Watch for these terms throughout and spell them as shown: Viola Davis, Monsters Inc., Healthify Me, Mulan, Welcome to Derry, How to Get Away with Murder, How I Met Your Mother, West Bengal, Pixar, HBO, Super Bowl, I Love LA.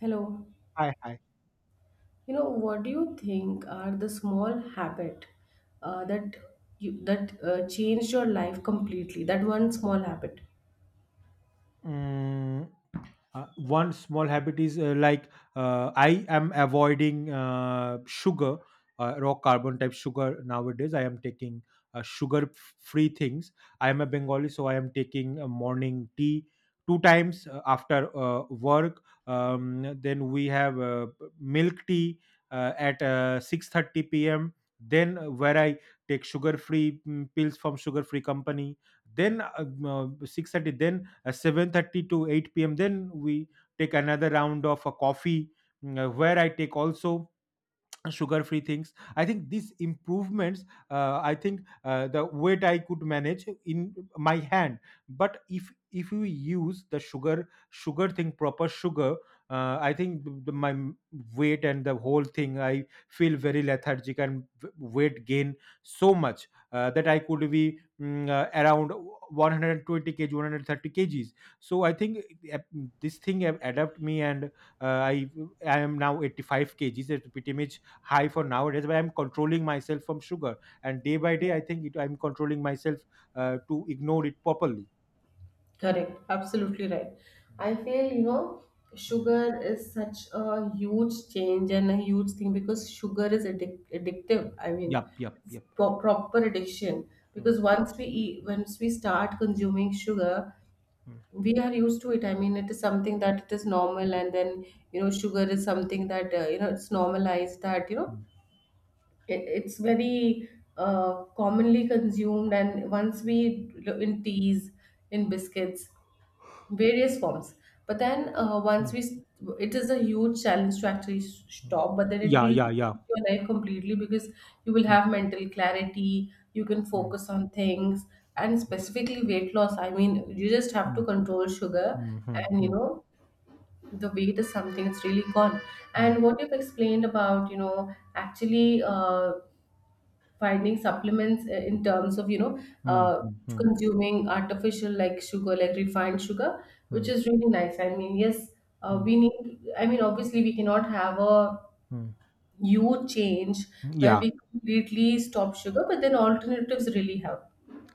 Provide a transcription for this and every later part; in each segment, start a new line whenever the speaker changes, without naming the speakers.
Hello.
Hi, hi.
You know, what do you think are the small habit that you that changed your life completely? That one small habit.
Mm, one small habit is I am avoiding sugar, raw carbon type sugar nowadays. I am taking sugar free things. I am a Bengali, so I am taking a morning tea two times after work. Then we have milk tea at 6:30 p.m. Then where I take sugar free pills from sugar free company. Then 6:30. Then 7:30 to 8 p.m. Then we take another round of a coffee, where I take also sugar free things. I think these improvements, I think the weight I could manage in my hand. But if you use the sugar thing, proper sugar, I think my weight and the whole thing, I feel very lethargic and weight gain so much, that I could be, around 120 kg, 130 kgs. So I think, uh, this thing have adapt me, and uh, i I am now 85 kgs at ptmh, high for nowadays, but I'm controlling myself from sugar. And day by day I think I'm controlling myself to ignore it properly.
Correct. Absolutely right.
Mm,
I feel, you know,
mm.
sugar is such a huge change and a huge thing because sugar is addictive. I mean,
Yep, yep,
it's
yep.
proper addiction
Mm,
because once we eat, once we start consuming sugar, we are used to it. I mean, it is something that it is normal. And then, you know, sugar is something that you know, it's normalized that you know
mm,
it's very commonly consumed. And once we in teas, in biscuits, various forms, but then
Mm, mm,
it is a huge challenge to actually
mm.
stop, but then it
Yeah,
will
yeah, yeah.
change your life completely because you will
Mm,
have mental clarity, you can
mm,
focus on things, and specifically weight loss. I mean, you just have to
mm,
control sugar
mm, mm,
and, you
mm,
know, the weight is something, it's really gone.
mm,
And what you've explained about, you know, actually finding supplements in terms of, you know,
mm,
uh,
mm, mm,
consuming artificial, like sugar, like refined sugar, which
mm,
is really nice. I mean, yes,
mm,
we need, I mean, obviously, we cannot have a
mm.
huge change where
Yeah.
we completely stop sugar, but then alternatives really help.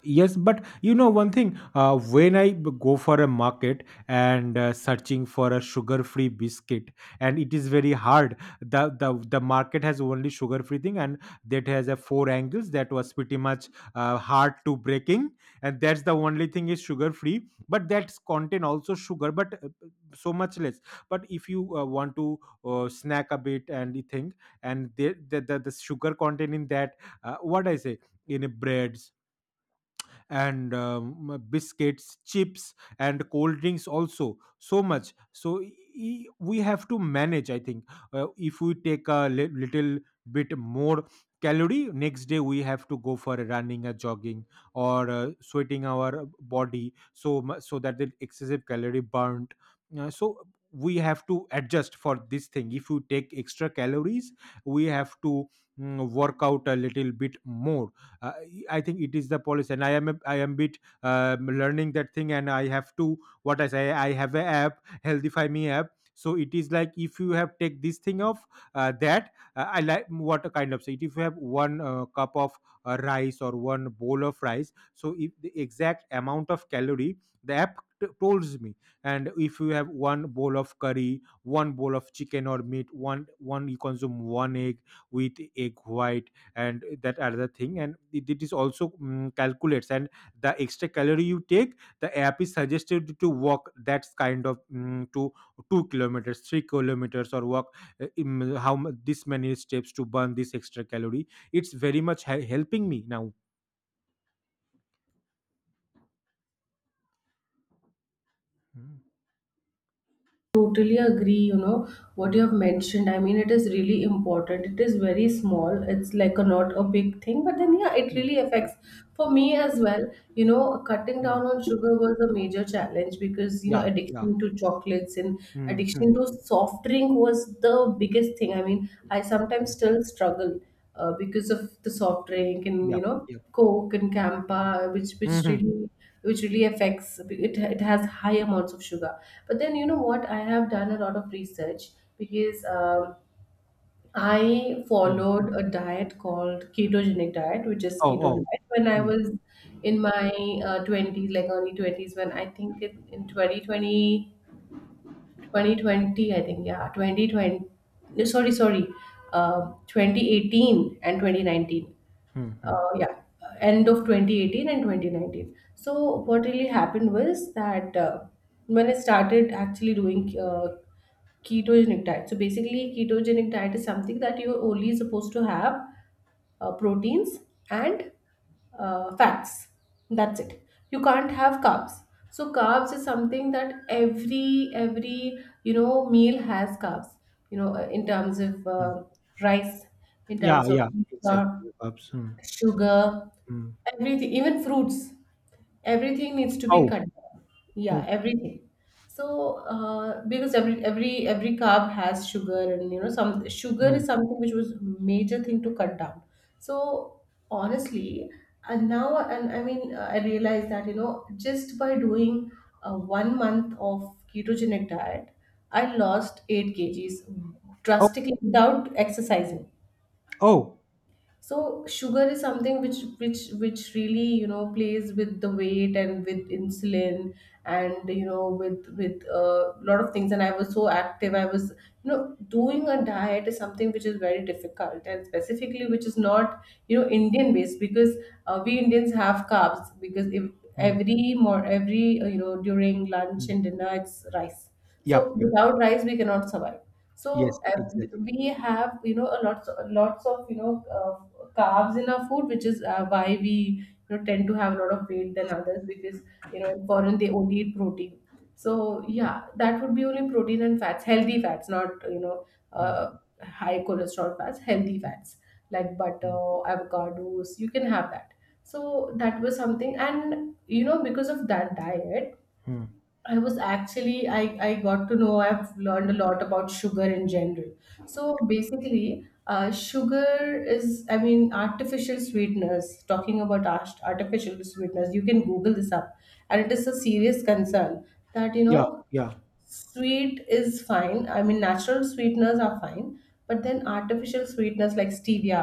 Yes, but you know one thing, when I go for a market and searching for a sugar-free biscuit, and it is very hard. The market has only sugar-free thing, and that has a four angles that was pretty much hard to breaking, and that's the only thing is sugar-free. But that's contain also sugar, but so much less. But if you want to snack a bit and you think, and the sugar content in that, what I say, in a breads and biscuits, chips, and cold drinks also so much. So we have to manage. I think, if we take a little bit more calorie, next day we have to go for a running, a jogging, or sweating our body, so so that the excessive calorie burnt. So we have to adjust for this thing. If you take extra calories, we have to, work out a little bit more. Uh, I think it is the policy, and I am bit learning that thing, and I have to, what I say. I have a app, Healthify Me app. So it is like, if you have take this thing of that I like what a kind of say. If you have one cup of rice, or one bowl of rice, so if the exact amount of calorie the app tells me, and if you have one bowl of curry, one bowl of chicken or meat, one one you consume one egg with egg white and that another thing, and it is also calculates. And the extra calorie you take, the app is suggested to walk, that's kind of to 2 kilometers, 3 kilometers, or walk how this many steps to burn this extra calorie. It's very much helping me now. Mm,
Totally agree. You know what
mm,
you have mentioned, I mean, it is really important. It is very small, it's like a not a big thing, but then yeah, it
mm,
really affects. For me as well, you know, cutting down
mm.
on sugar was a major challenge because, you know,
Yeah, yeah.
addiction to chocolates and
mm, mm,
addiction to soft drink was the biggest thing. I mean, I sometimes
mm.
still struggle because of the soft drink. And
Yeah,
you know,
yeah.
coke and campa, which
Mhm,
really, which really affects. It it, has high amounts of sugar. But then, you know what, I have done a lot of research because I
mm.
followed a diet called ketogenic diet, which is
Oh,
keto
oh.
diet, when I
Mm,
was in my 20s, like early 20s, when I think in twenty twenty, I think, yeah, 2020. No, sorry, 2018 and 2019.
mm, mm,
Yeah, End of 2018 and 2019. So what really happened was that when I started actually doing ketogenic diet. So basically, ketogenic diet is something that you're only supposed to have proteins and fats. That's it. You can't have carbs. So carbs is something that every, you know, meal has carbs. You know, in terms of
mm.
rice, in
Yeah,
terms of
yeah, exactly.
pizza,
Perhaps.
sugar,
Mm.
everything, even fruits, everything needs to be
Oh,
cut down.
oh.
Yeah, everything. So, because every carb has sugar, and you know, some sugar is
mm.
something which was major thing to cut down. So honestly, and now, and I mean, I realized that, you know, just by doing one month of ketogenic diet, I lost eight kgs drastically without exercising.
Oh.
So sugar is something which really, you know, plays with the weight and with insulin and, you know, with a lot of things. And I was so active, I was, you know, doing a diet is something which is very difficult, and specifically which is not, you know, Indian based. Because we Indians have carbs, because if
Mm,
every more every you know, during lunch
mm,
and dinner, it's rice.
yep,
So
yep.
without rice, we cannot survive.
Yes,
So
exactly.
we have, you know, a lots lots of, you know, carbs in our food, which is why we, you know, tend to have a lot of weight than others, because, you know, in foreign they only eat protein. So yeah, that would be only protein and fats, healthy fats, not, you know,
mm,
uh, high cholesterol fats. Healthy fats like
mm,
butter, avocados. You can have that. So that was something, and you know, because of that diet,
mm,
I was actually I I got to know, I've learned a lot about sugar in general. So basically, sugar is, I mean, artificial sweeteners. Talking about artificial sweeteners, you can Google this up, and it is a serious concern that, you
Yeah,
know,
yeah.
sweet is fine. I mean, natural sweeteners are fine, but then artificial sweeteners like stevia,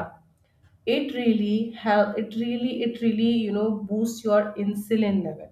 it really help it really it really, you know, boosts your insulin level.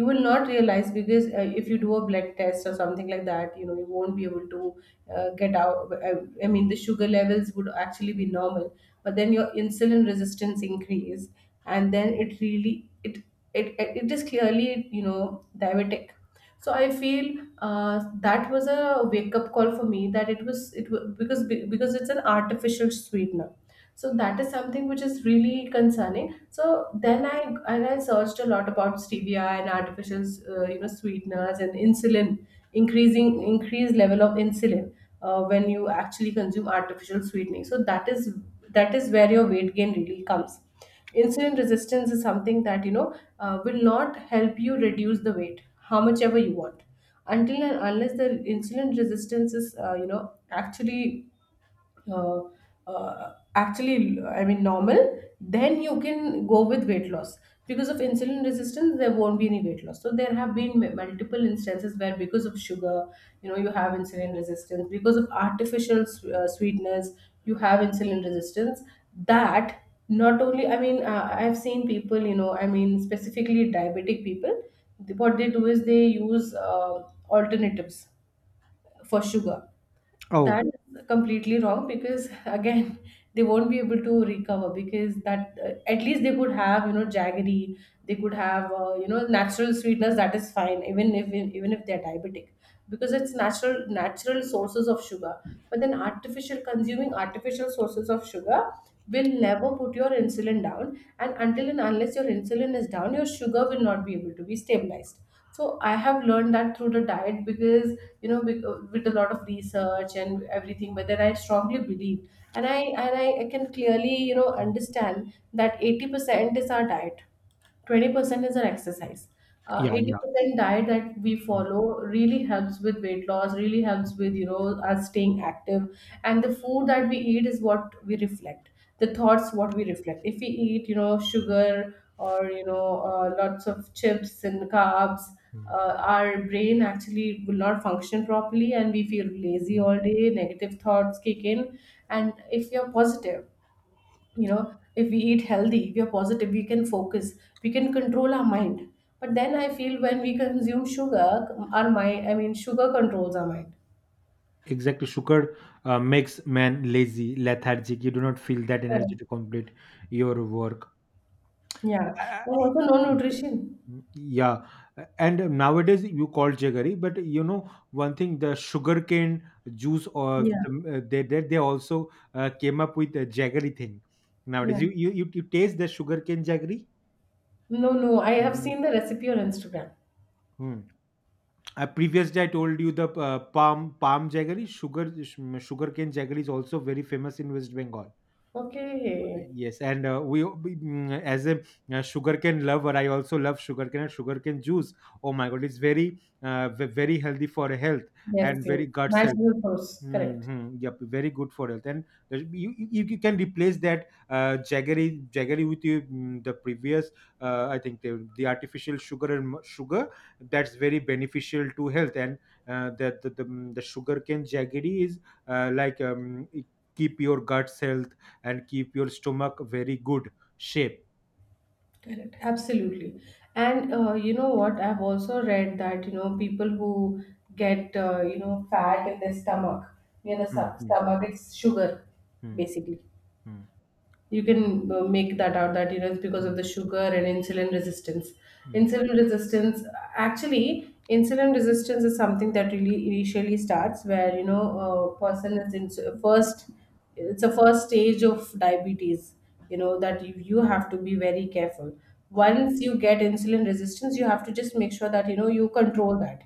You will not realize because if you do a blood test or something like that, you know, you won't be able to get out. I mean, the sugar levels would actually be normal, but then your insulin resistance increase, and then it really it it, it is clearly, you know, diabetic. So I feel that was a wake up call for me, that it was because it's an artificial sweetener. So that is something which is really concerning. So then I, and I searched a lot about stevia and artificial you know, sweeteners and insulin, increasing increased level of insulin, when you actually consume artificial sweetening. So that is, that is where your weight gain really comes. Insulin resistance is something that, you know, will not help you reduce the weight how much ever you want, until and unless the insulin resistance is, you know, actually, uh, actually, I mean, normal. Then you can go with weight loss, because of insulin resistance there won't be any weight loss. So there have been multiple instances where because of sugar, you know, you have insulin resistance. Because of artificial sweetness, you have insulin resistance. That, not only, I mean, I've seen people, you know, I mean, specifically diabetic people, what they do is they use alternatives for sugar.
Oh.
That's completely wrong because again they won't be able to recover. Because that, at least they could have, you know, jaggery. They could have, you know, natural sweetness, that is fine, even if, even if they're diabetic, because it's natural, natural sources of sugar. But then artificial, consuming artificial sources of sugar will never put your insulin down, and until and unless your insulin is down, your sugar will not be able to be stabilized. So I have learned that through the diet, because, you know, with a lot of research and everything. But then I strongly believe, and I, I can clearly, you know,
mm,
understand that 80% is our diet, 20% is our exercise.
yeah, yeah.
80% diet that we
mm,
follow really helps with weight loss, really helps with, you know, us staying active. And the food that we eat is what we reflect. The thoughts, what we reflect. If we eat, you know, sugar, or, you know, lots of chips and carbs,
mm,
our brain actually will not function properly and we feel lazy
mm.
all day, negative thoughts kick in. And if you're positive, you know, if we eat healthy, we are positive, we can focus, we can control our mind. But then I feel when we consume sugar, our mind, I mean, sugar controls our mind.
Exactly. Sugar makes man lazy, lethargic. You do not feel that energy
Correct.
to complete your work.
Yeah.
Uh,
And
mm,
also no nutrition.
yeah. And nowadays you call jaggery, but you know one thing: the sugarcane juice, or
Yeah,
they also came up with a jaggery thing.
yeah.
Nowadays, you taste the sugarcane jaggery?
No, no, I have seen the recipe on Instagram.
Hmm. Previous day I told you the palm palm jaggery, sugarcane jaggery is also very famous in West Bengal.
Okay.
Yes, and as a sugarcane lover, I also love sugarcane and sugarcane juice. Oh my god, it's very very healthy for health,
Yes,
and
yes.
very gut health.
Natural source, correct.
Mm-hmm. Yep, very good for health, and you can replace that jaggery, with the previous I think the artificial sugar and sugar, that's very beneficial to health. And the sugarcane jaggery is like it keep your guts health and keep your stomach very good shape.
Correct, absolutely. And you know what? I've also read that, you know, people who get, you know, fat in their stomach, near the
Mm-hmm.
stomach, it's sugar,
Mm-hmm.
basically. You can, make that out, that, you know, it's because of
Mm-hmm.
the sugar and insulin resistance.
Mm-hmm.
insulin resistance Actually, insulin resistance is something that really initially starts, where, you know, a person is in first, it's a first stage of diabetes, you know, that you have to be very careful. Once you get insulin resistance, you have to just make sure that, you know, you control that.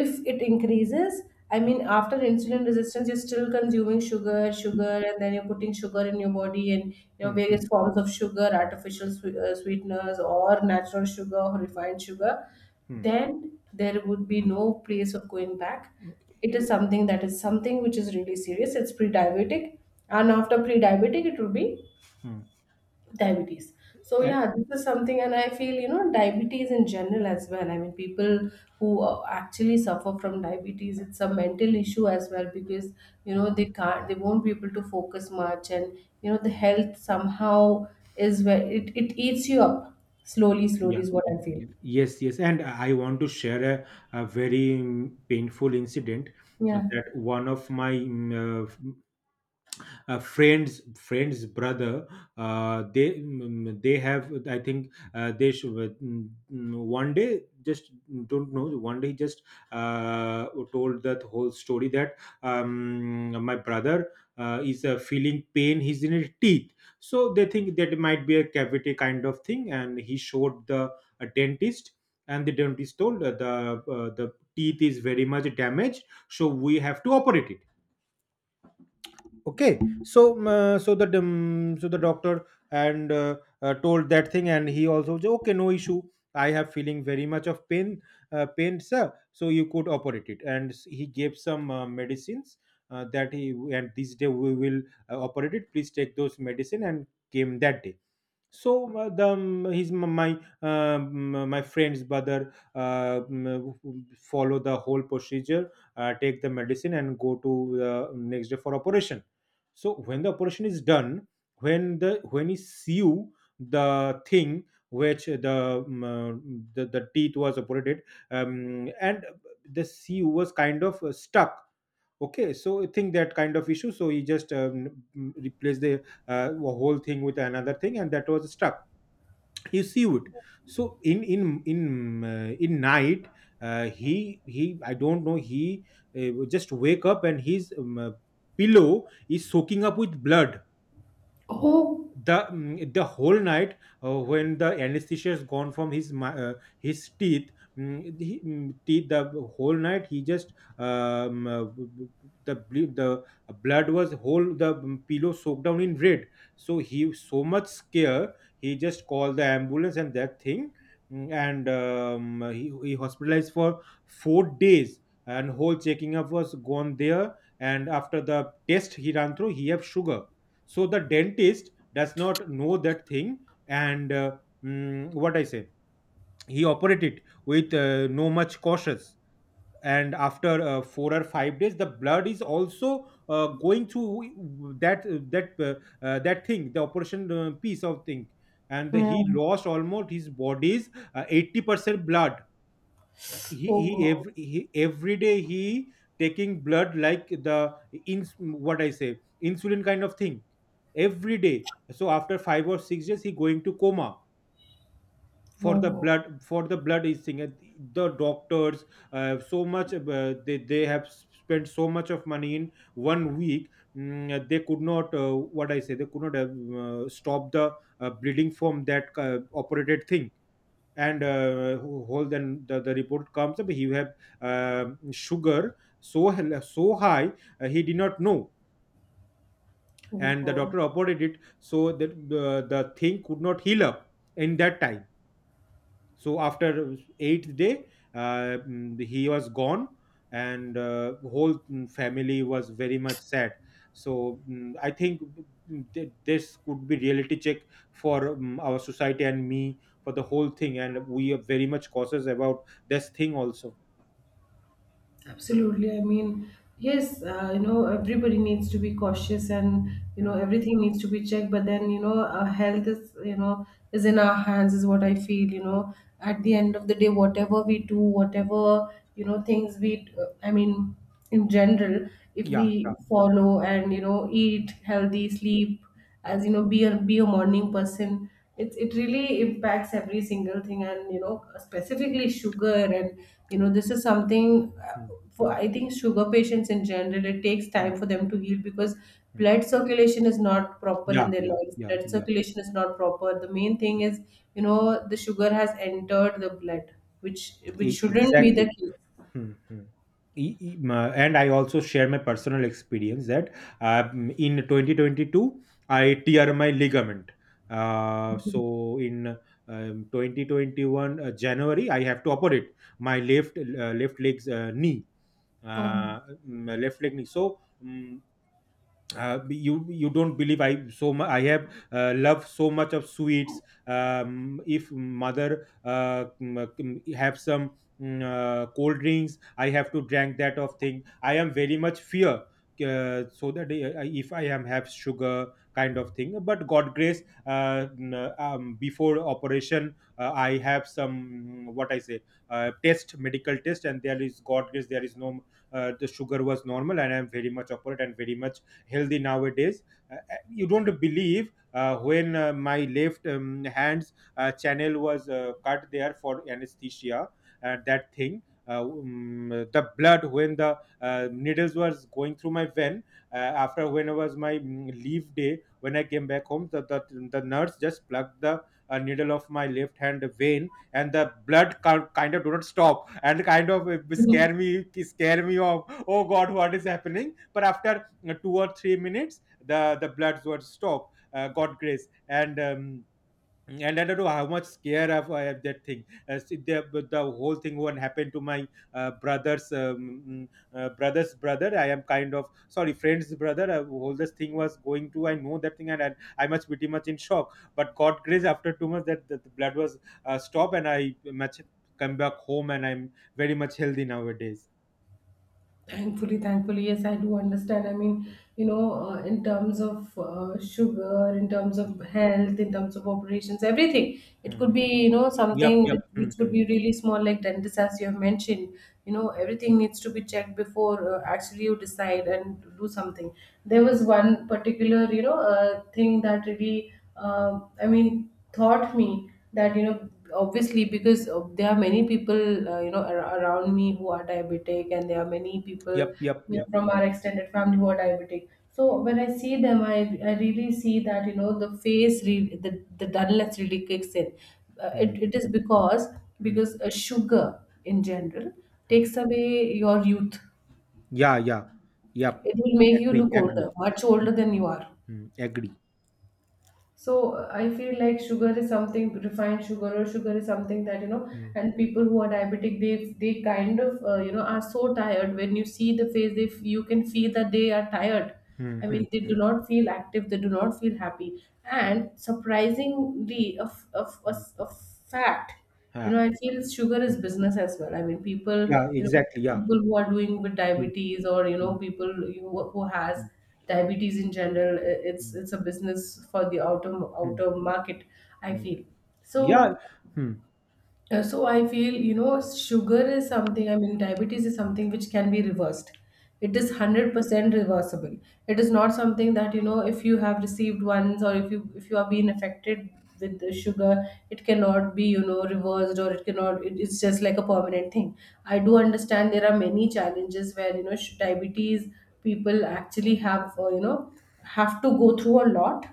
If it increases, I mean, after insulin resistance you're still consuming sugar, and then you're putting sugar in your body, and, you know,
Mm-hmm.
various forms of sugar, artificial sweeteners, or natural sugar, or refined sugar, then there would be no place of going back. It is something that is something which is really serious, it's pre-diabetic, and after pre-diabetic it will be
Mm-hmm.
diabetes. So yeah, this is something, and I feel, you know, diabetes in general as well, I mean, people who actually suffer from diabetes, it's a mental issue as well, because, you know, they can't, they won't be able to focus much, and, you know, the health somehow is where it eats you up slowly, slowly,
Yeah,
is what
yeah,
I feel.
yeah. Yes, yes. And I want to share a very painful incident,
Yeah.
that one of my friends brother, they have I think they should mm, mm, one day just, don't know, one day just told that whole story that my brother is feeling pain, he's in his teeth. So they think that it might be a cavity kind of thing, and he showed the a dentist. And the dentist told the teeth is very much damaged, so we have to operate it. Okay, so so the doctor and told that thing, and he also said, okay, no issue, I have feeling very much of pain, pain sir, so you could operate it. And he gave some medicines, that he and this day we will operate it, please take those medicine. And came that day. So the his my my friend's brother, follow the whole procedure, take the medicine and go to the next day for operation. So when the operation is done, when the when he sew the thing, which the teeth was operated, and the sew was kind of stuck. Okay, so I think that kind of issue, so he just replaced the whole thing with another thing and that was stuck, you see it. So in night, he I don't know, he just wake up and his pillow is soaking up with blood,
Oh.
the whole night, when the anesthesia is gone from his his teeth, the whole night he just um, uh, b- b- b- the ble- the blood was whole, pillow soaked down in red. So he was so much scare, he just called the ambulance and that thing. He hospitalized for 4 days, and whole checking up was gone there. And after the test he ran through, he have sugar. So the dentist does not know that thing, and what I say, he operated with no much cautious. And after 4 or 5 days, the blood is also going through that uh, that thing, the operation piece of thing. And
Yeah.
he lost almost his body's 80% blood.
Oh god.
He, every day he taking blood like the ins, what I say, insulin kind of thing, every day. So after 5 or 6 days he going to coma, for
Oh
the
god.
blood, for the blood is thing. And the doctors they have spent so much of money in one week, they could not what I say, they could not stop the bleeding from that operated thing. And then the report comes up, he have sugar so so high, he did not know.
Oh
And the
god.
doctor operated it, so that the thing could not heal up in that time. So after eighth day, he was gone. And family was very much sad. So I think, this could be reality check for our society and me, for the whole thing, and we are very much cautious about this thing also.
Absolutely. I mean, yes, you know, everybody needs to be cautious, and, you know,
Mm.
everything needs to be checked. But then, you know, our health is, you know, is in our hands, is what I feel, you know. At the end of the day, whatever we do, whatever, things we, I mean, in general, if
Yeah, yeah.
we follow and, eat healthy, sleep,
Mm,
as you know be a morning person. It really impacts every single thing. And specifically sugar. And this is something
mm,
for
mm,
I think sugar patients in general, it takes
mm,
time for them to heal, because
mm.
blood circulation is not proper in
Yeah,
their
yeah,
lives.
yeah,
Blood
yeah.
circulation is not proper. The main thing
Hmm,
is, you know, the sugar has entered the blood, which shouldn't be the
Exactly.
case.
Mhm. And I also share my personal experience, that in 2022 I tear my ligament. So in 2021 January I have to operate my left left leg's knee,
Oh.
uh, left leg knee. You don't believe I I have love so much of sweets. If mother have some cold drinks, I have to drink that of thing. I am very much fear, so that if I am have sugar kind of thing. But god grace, before operation I have some what I say, test, medical test, and there is god grace, there is no the sugar was normal, and I am very much operate and very much healthy nowadays. You don't believe, when my left hand's channel was cut there for anesthesia and that thing. The blood, when the needles was going through my vein, after when it was my leave day, when I came back home, the nurse just plugged the needle of my left hand vein, and the blood kind of do not stop and kind of scare me scare me off. Oh god, what is happening? But after 2 or 3 minutes, the bloods were stopped, god grace. And and I don't know how much scare of I have that thing. See, the, but the whole thing one happened to my brother's mm, brother's brother. I am kind of sorry, friend's brother. Whole this thing was going to. I know that thing, and I must pretty much in shock. But God grace, after 2 months, that the blood was stopped, and I much come back home, and I'm very much healthy nowadays.
Thankfully, yes, I do understand. I mean, in terms of sugar, in terms of health, in terms of operations, everything. It could
Mhm.
be,
Yep,
something
yep,
which could
mhm.
be really small, like dentist, as you have mentioned. Everything needs to be checked before actually you decide and do something. There was one particular, thing that really, I mean, taught me that obviously, because there are many people, around me, who are diabetic. And there are many people,
Yep, yep, yep.
from our extended family, who are diabetic. So when I see them, I really see that the face, the dullness really kicks in. uh,
Hmm.
it, it is
Hmm.
because
Hmm.
sugar in general
Mm.
takes away your youth.
Yeah, yeah, yep.
It will make you
Agree,
look older,
agree.
much
Hmm.
older than you are.
Agree.
So I feel like sugar is something. Refined sugar or sugar is something that,
Hmm.
and people who are diabetic, they kind of, are so tired. When you see the face, you can feel that they are tired.
Hmm.
I
Hmm.
mean, they do not feel active. They do not feel happy. And surprisingly, of a,
Mm.
a fact,
Yeah,
I feel sugar
mm,
is business as well. I mean, people
yeah,
you know
exactly. Yeah.
people who are doing with
Hmm.
diabetes. Or
Hmm.
people who has
Hmm.
diabetes in general. It's a business for the outer
Hmm. Mm,
outer market, I
mm.
feel.
Yeah.
So
Hmm.
I feel, sugar is something. I mean, diabetes is something which can be reversed. It is 100% reversible. It is not something that, if you have received once, or if you are being affected with the sugar, it cannot be, reversed. Or it cannot, it's just like a permanent thing. I do understand there are many challenges where, diabetes people actually have, have to go through a lot.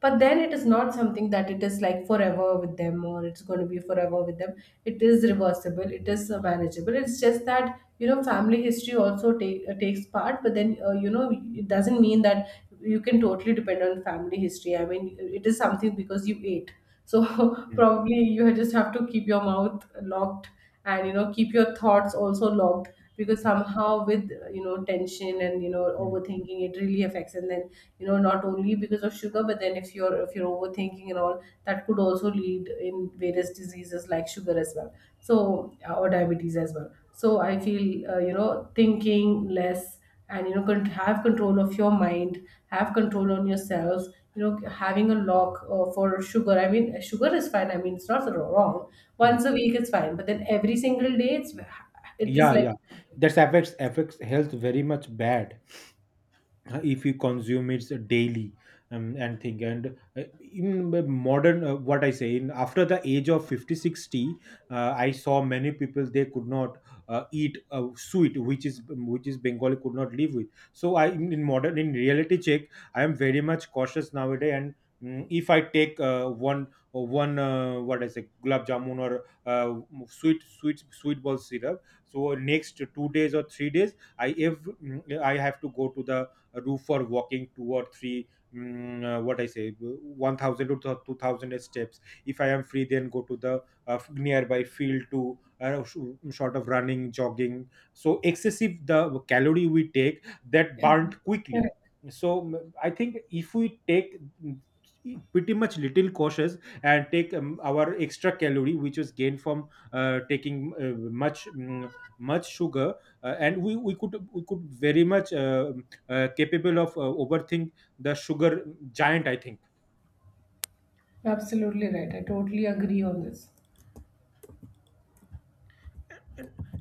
But then it is not something that it is like forever with them, or it's going to be forever with them. It is reversible. It is manageable. It's just that, you know, family history also takes part. But then, you know, it doesn't mean that you can totally depend on family history. I mean, it is something because you ate. So
Hmm.
probably you just have to keep your mouth locked, and keep your thoughts also logged. Because
Hmm.
somehow with tension and
Mm,
overthinking, it really affects. And then, not only because of sugar, but then if you're, if you're overthinking and all, that could also lead in various diseases like sugar as well. So, or diabetes as well. So I feel, thinking less and can have control of your mind. Have control on yourself. Having a lock for sugar. I mean, sugar is fine. I mean, it's not wrong.
mm.
Once a week, it's fine. But then every single day, it is
Yeah,
like.
yeah. That affects health very much bad if you consume it daily. And thing, and In the modern, what I say, in after the age of 50, 60, 60, I saw many people, they could not eat sweet, which is bengali, could not live with. So I in modern, in reality check, I am very much cautious nowadays. And if I take one what I say, gulab jamun or uh, sweet ball syrup, so next 2 days or 3 days, I if I have to go to the a roof for walking two or three what I say, 1,000 to 2,000 steps. If I am free, then go to the nearby field to sort of running, jogging, so excessive the calorie we take that
Yeah,
burnt quickly.
correct.
So I think if we take mm, pretty much little cautious and take our extra calorie which was gained from taking much much sugar, and we could very much capable of overthink the sugar giant, I think.
Absolutely right, I totally agree on this.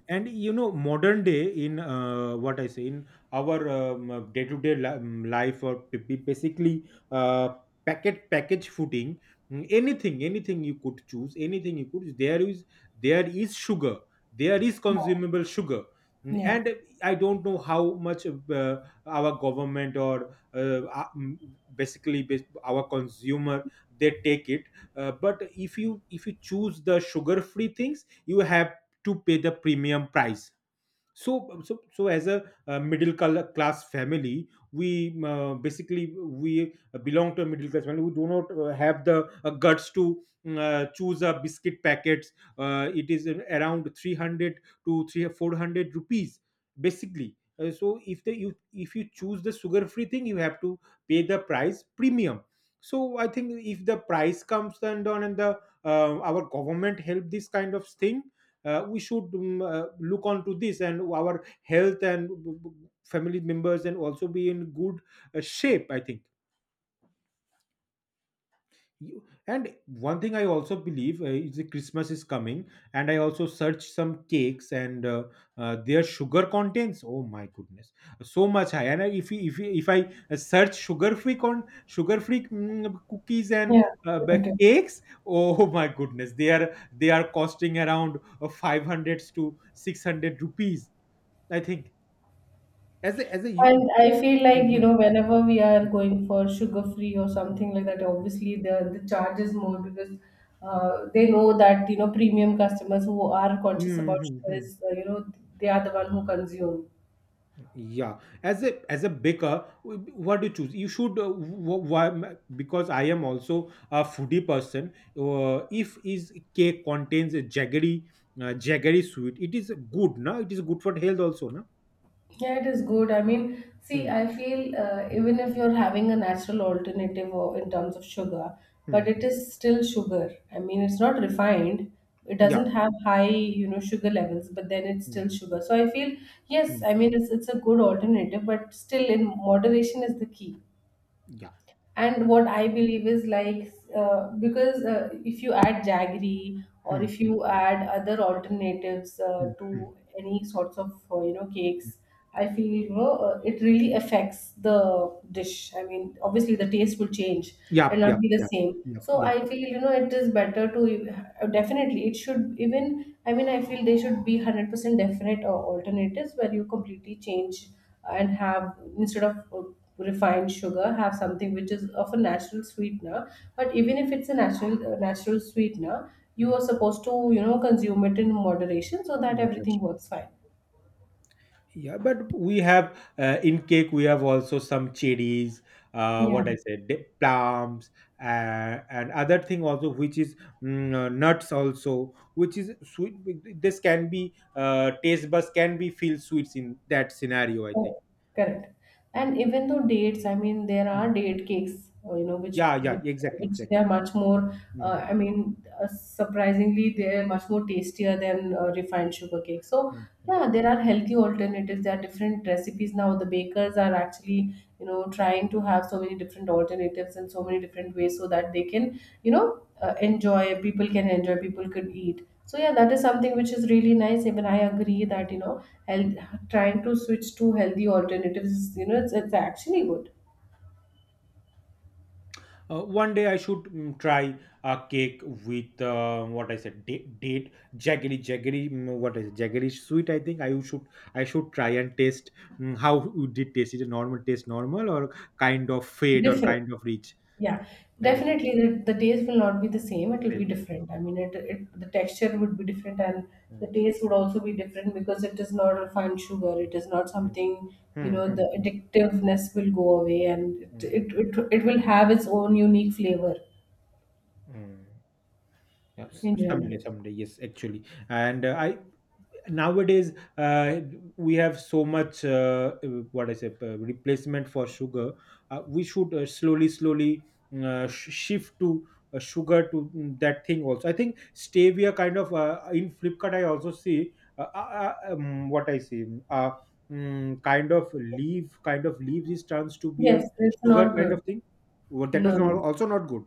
And you know, modern day in, what I say, in our day-to-day life, or basically packet package footing, anything you could choose, anything you could, there is, there is sugar, there is consumable sugar. Mm,
Yeah,
and I don't know how much our government or basically our consumer, they take it. But if you, if you choose the sugar free things, you have to pay the premium price. So so as a, uh, middle class family, we basically we belong to a middle class family, we do not have the guts to choose a biscuit packets, it is around 300 to three 400 rupees, basically. So if the you, if you choose the sugar free thing, you have to pay the price premium. So I think if the price comes down and the our government help this kind of thing, we should look onto this, and our health, and family members, and also be in good shape, I think. You- and one thing I also believe, is the christmas is coming, and I also searched some cakes, and their sugar contents, oh my goodness, so much high. And if I search sugar free con sugar free cookies and
yeah.
cakes, oh my goodness, they are, they are costing around 500 to 600 rupees, I think, as a, as a you.
And I feel like,
Mhm,
whenever we are
mhm,
going for sugar free or
mhm,
something like that,
mhm.
obviously the, charge is more, because they know that, premium customers who are conscious about
Mhm,
sugar
mhm.
is, they are the one who consume.
Yeah, as a, as a baker, what do you choose? You should, because I am also a foodie person. If is cake contains a jaggery, jaggery sweet, it is good na? It is good for health also na?
Yeah, it is good. I mean, see,
Mm,
I feel
mm,
even if you're having a natural alternative or in terms of sugar, but
mm,
it
mm.
is still sugar. I mean, it's not refined. It
Yeah.
doesn't have high, sugar levels, but then it's still
Mm,
sugar. So I feel, yes,
mm,
I mean, it's a good alternative, but still in moderation is the key.
yeah.
And what I believe is like, because, if you add jaggery or
Mm,
if
mm,
you add other alternatives,
mm, mm.
to any sorts of, cakes, I feel, it really affects the dish. I mean, obviously the taste will change. It'll
Yep,
not
yep,
be the
yep,
same.
yep,
So
yep.
I feel, it is better to, definitely, it should. Even, I mean, I feel they should be 100% definite alternatives where you completely change and have, instead of refined sugar, have something which is of a natural sweetener. But even if it's a natural sweetener, you are supposed to consume it in moderation, so that
Mm.
everything works fine.
Yeah, but we have in cake we have also some cherries,
Yeah.
what I said, the plums, and other thing also which is nuts also, which is sweet. This can be, taste buds can be feel sweets in that scenario, I think.
Oh, correct. And even though dates, I mean, there are
Mm.
date cakes, which
Yeah,
which
yeah, exactly,
which they are
exactly.
much more.
Mm,
I mean, surprisingly, they are much more tastier than refined sugar cake. So
mm, mm.
yeah, there are healthy alternatives. There are different recipes now. The bakers are actually, trying to have so many different alternatives and so many different ways, so that they can, enjoy people can enjoy, people could eat. So yeah, that is something which is really nice. Even I agree that, health, trying to switch to healthy alternatives is, it's actually good.
One day I should try a cake with, what I said, date, date, jaggery what is it, jaggery sweet, I think I should, I should try and taste, how would it taste? Is it normal, taste normal, or kind of fade, or
Different.
kind of rich?
Yeah,
Kind of rich.
definitely the, taste will not be the same. It will be
Yeah.
different. I mean, it the texture would be different. And the
Mm,
taste would also be different, because it is not refined sugar. It is not
mm,
something.
mm, mm,
The
mm,
addictiveness will go away. And it
mm,
it, it, it will have its own unique flavor
mm. Yeah, s-
in general.
someday, someday, yes, actually. And I nowadays, uh, we have so much what I say, replacement for sugar. We should slowly shift to sugar to, that thing also, I think stevia kind of, in flipkart I also see, what I see, uh, kind of leaf, kind of leaves is turns to be a
Yes, it's
sugar
not
kind
good.
of thing. Well, that was
No,
not,
no.
also not good.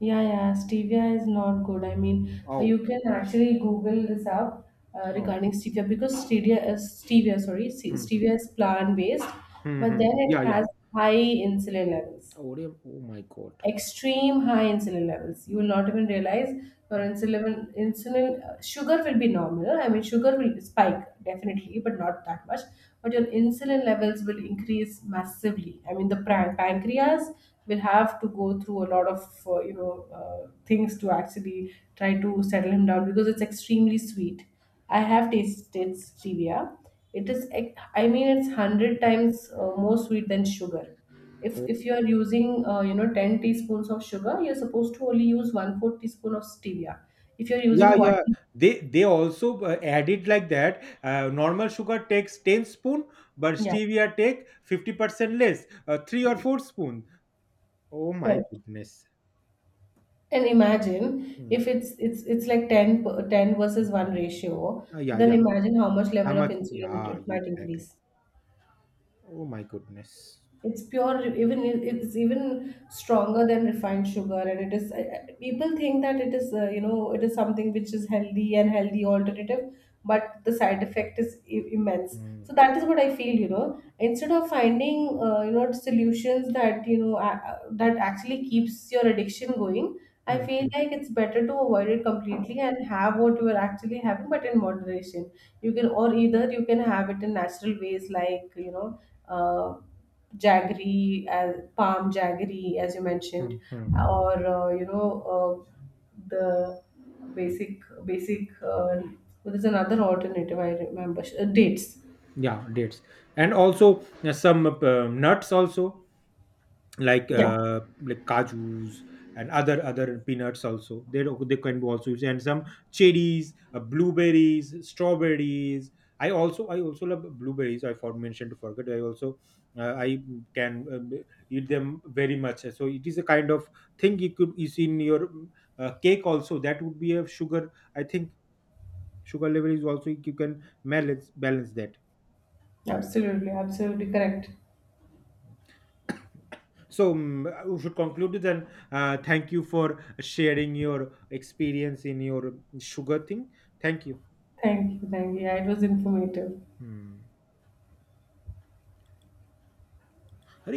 Yeah, yeah, stevia is not good. I mean, you
Oh.
can actually Google this up,
Oh.
regarding stevia. Because sorry,
Hmm, hmm.
stevia is plant-based.
Hmm,
But
hmm, hmm.
then it
Yeah, yeah.
has high insulin levels,
Oh, oh my god.
extreme high insulin levels. You will not even realize your insulin sugar will be normal. I mean, sugar will spike definitely, but not that much. But your insulin levels will increase massively. I mean, the pancreas will have to go through a lot of things to actually try to settle him down, because it's extremely sweet. I have tasted stevia. I mean, it's 100 times more sweet than sugar. If you are using, 10 teaspoons of sugar, you're supposed to only use 1/4 teaspoon of stevia. If you're using
Yeah,
one.
yeah, they also added like that, normal sugar takes 10 spoon, but
Yeah,
stevia take 50% less, 3 or 4 spoon. Oh my
correct.
goodness.
And imagine,
Mm,
if it's like 10
mm,
versus
mm.
1 ratio. So
Yeah,
then
yeah.
imagine how much
How
level of
much,
insulin it,
yeah,
it
yeah,
might
exactly.
increase.
Oh my goodness.
It's pure, even it's even stronger than refined sugar, and it is. People think that it is, it is something which is healthy and healthy alternative. But the side effect is immense. So
Mm,
that is what I feel. Instead of finding, solutions that, that actually keeps your addiction going. I
mm,
feel like
mm,
it's better to avoid it completely and have what you are actually having, but in moderation. You can, or either you can have it in natural ways, like. Uh, jaggery as palm jaggery, as you
mm,
mentioned.
mm, mm.
Or uh, the basic well, there's another alternative I remember, dates.
Yeah, dates, and also some nuts also, like,
Yeah.
like kajus and other peanuts also, they can be also used. And some cherries, blueberries, strawberries. I also, I also love blueberries. I for mentioned to forget, I also, I can eat them very much. So it is a kind of thing you could is in your cake also, that would be a sugar, I think, sugar level is also you can balance that.
Absolutely, absolutely correct.
So we should conclude this, and thank you for sharing your experience in your sugar thing. Thank you.
Thank you, thank you. Yeah, it was informative.
Hmm. अरे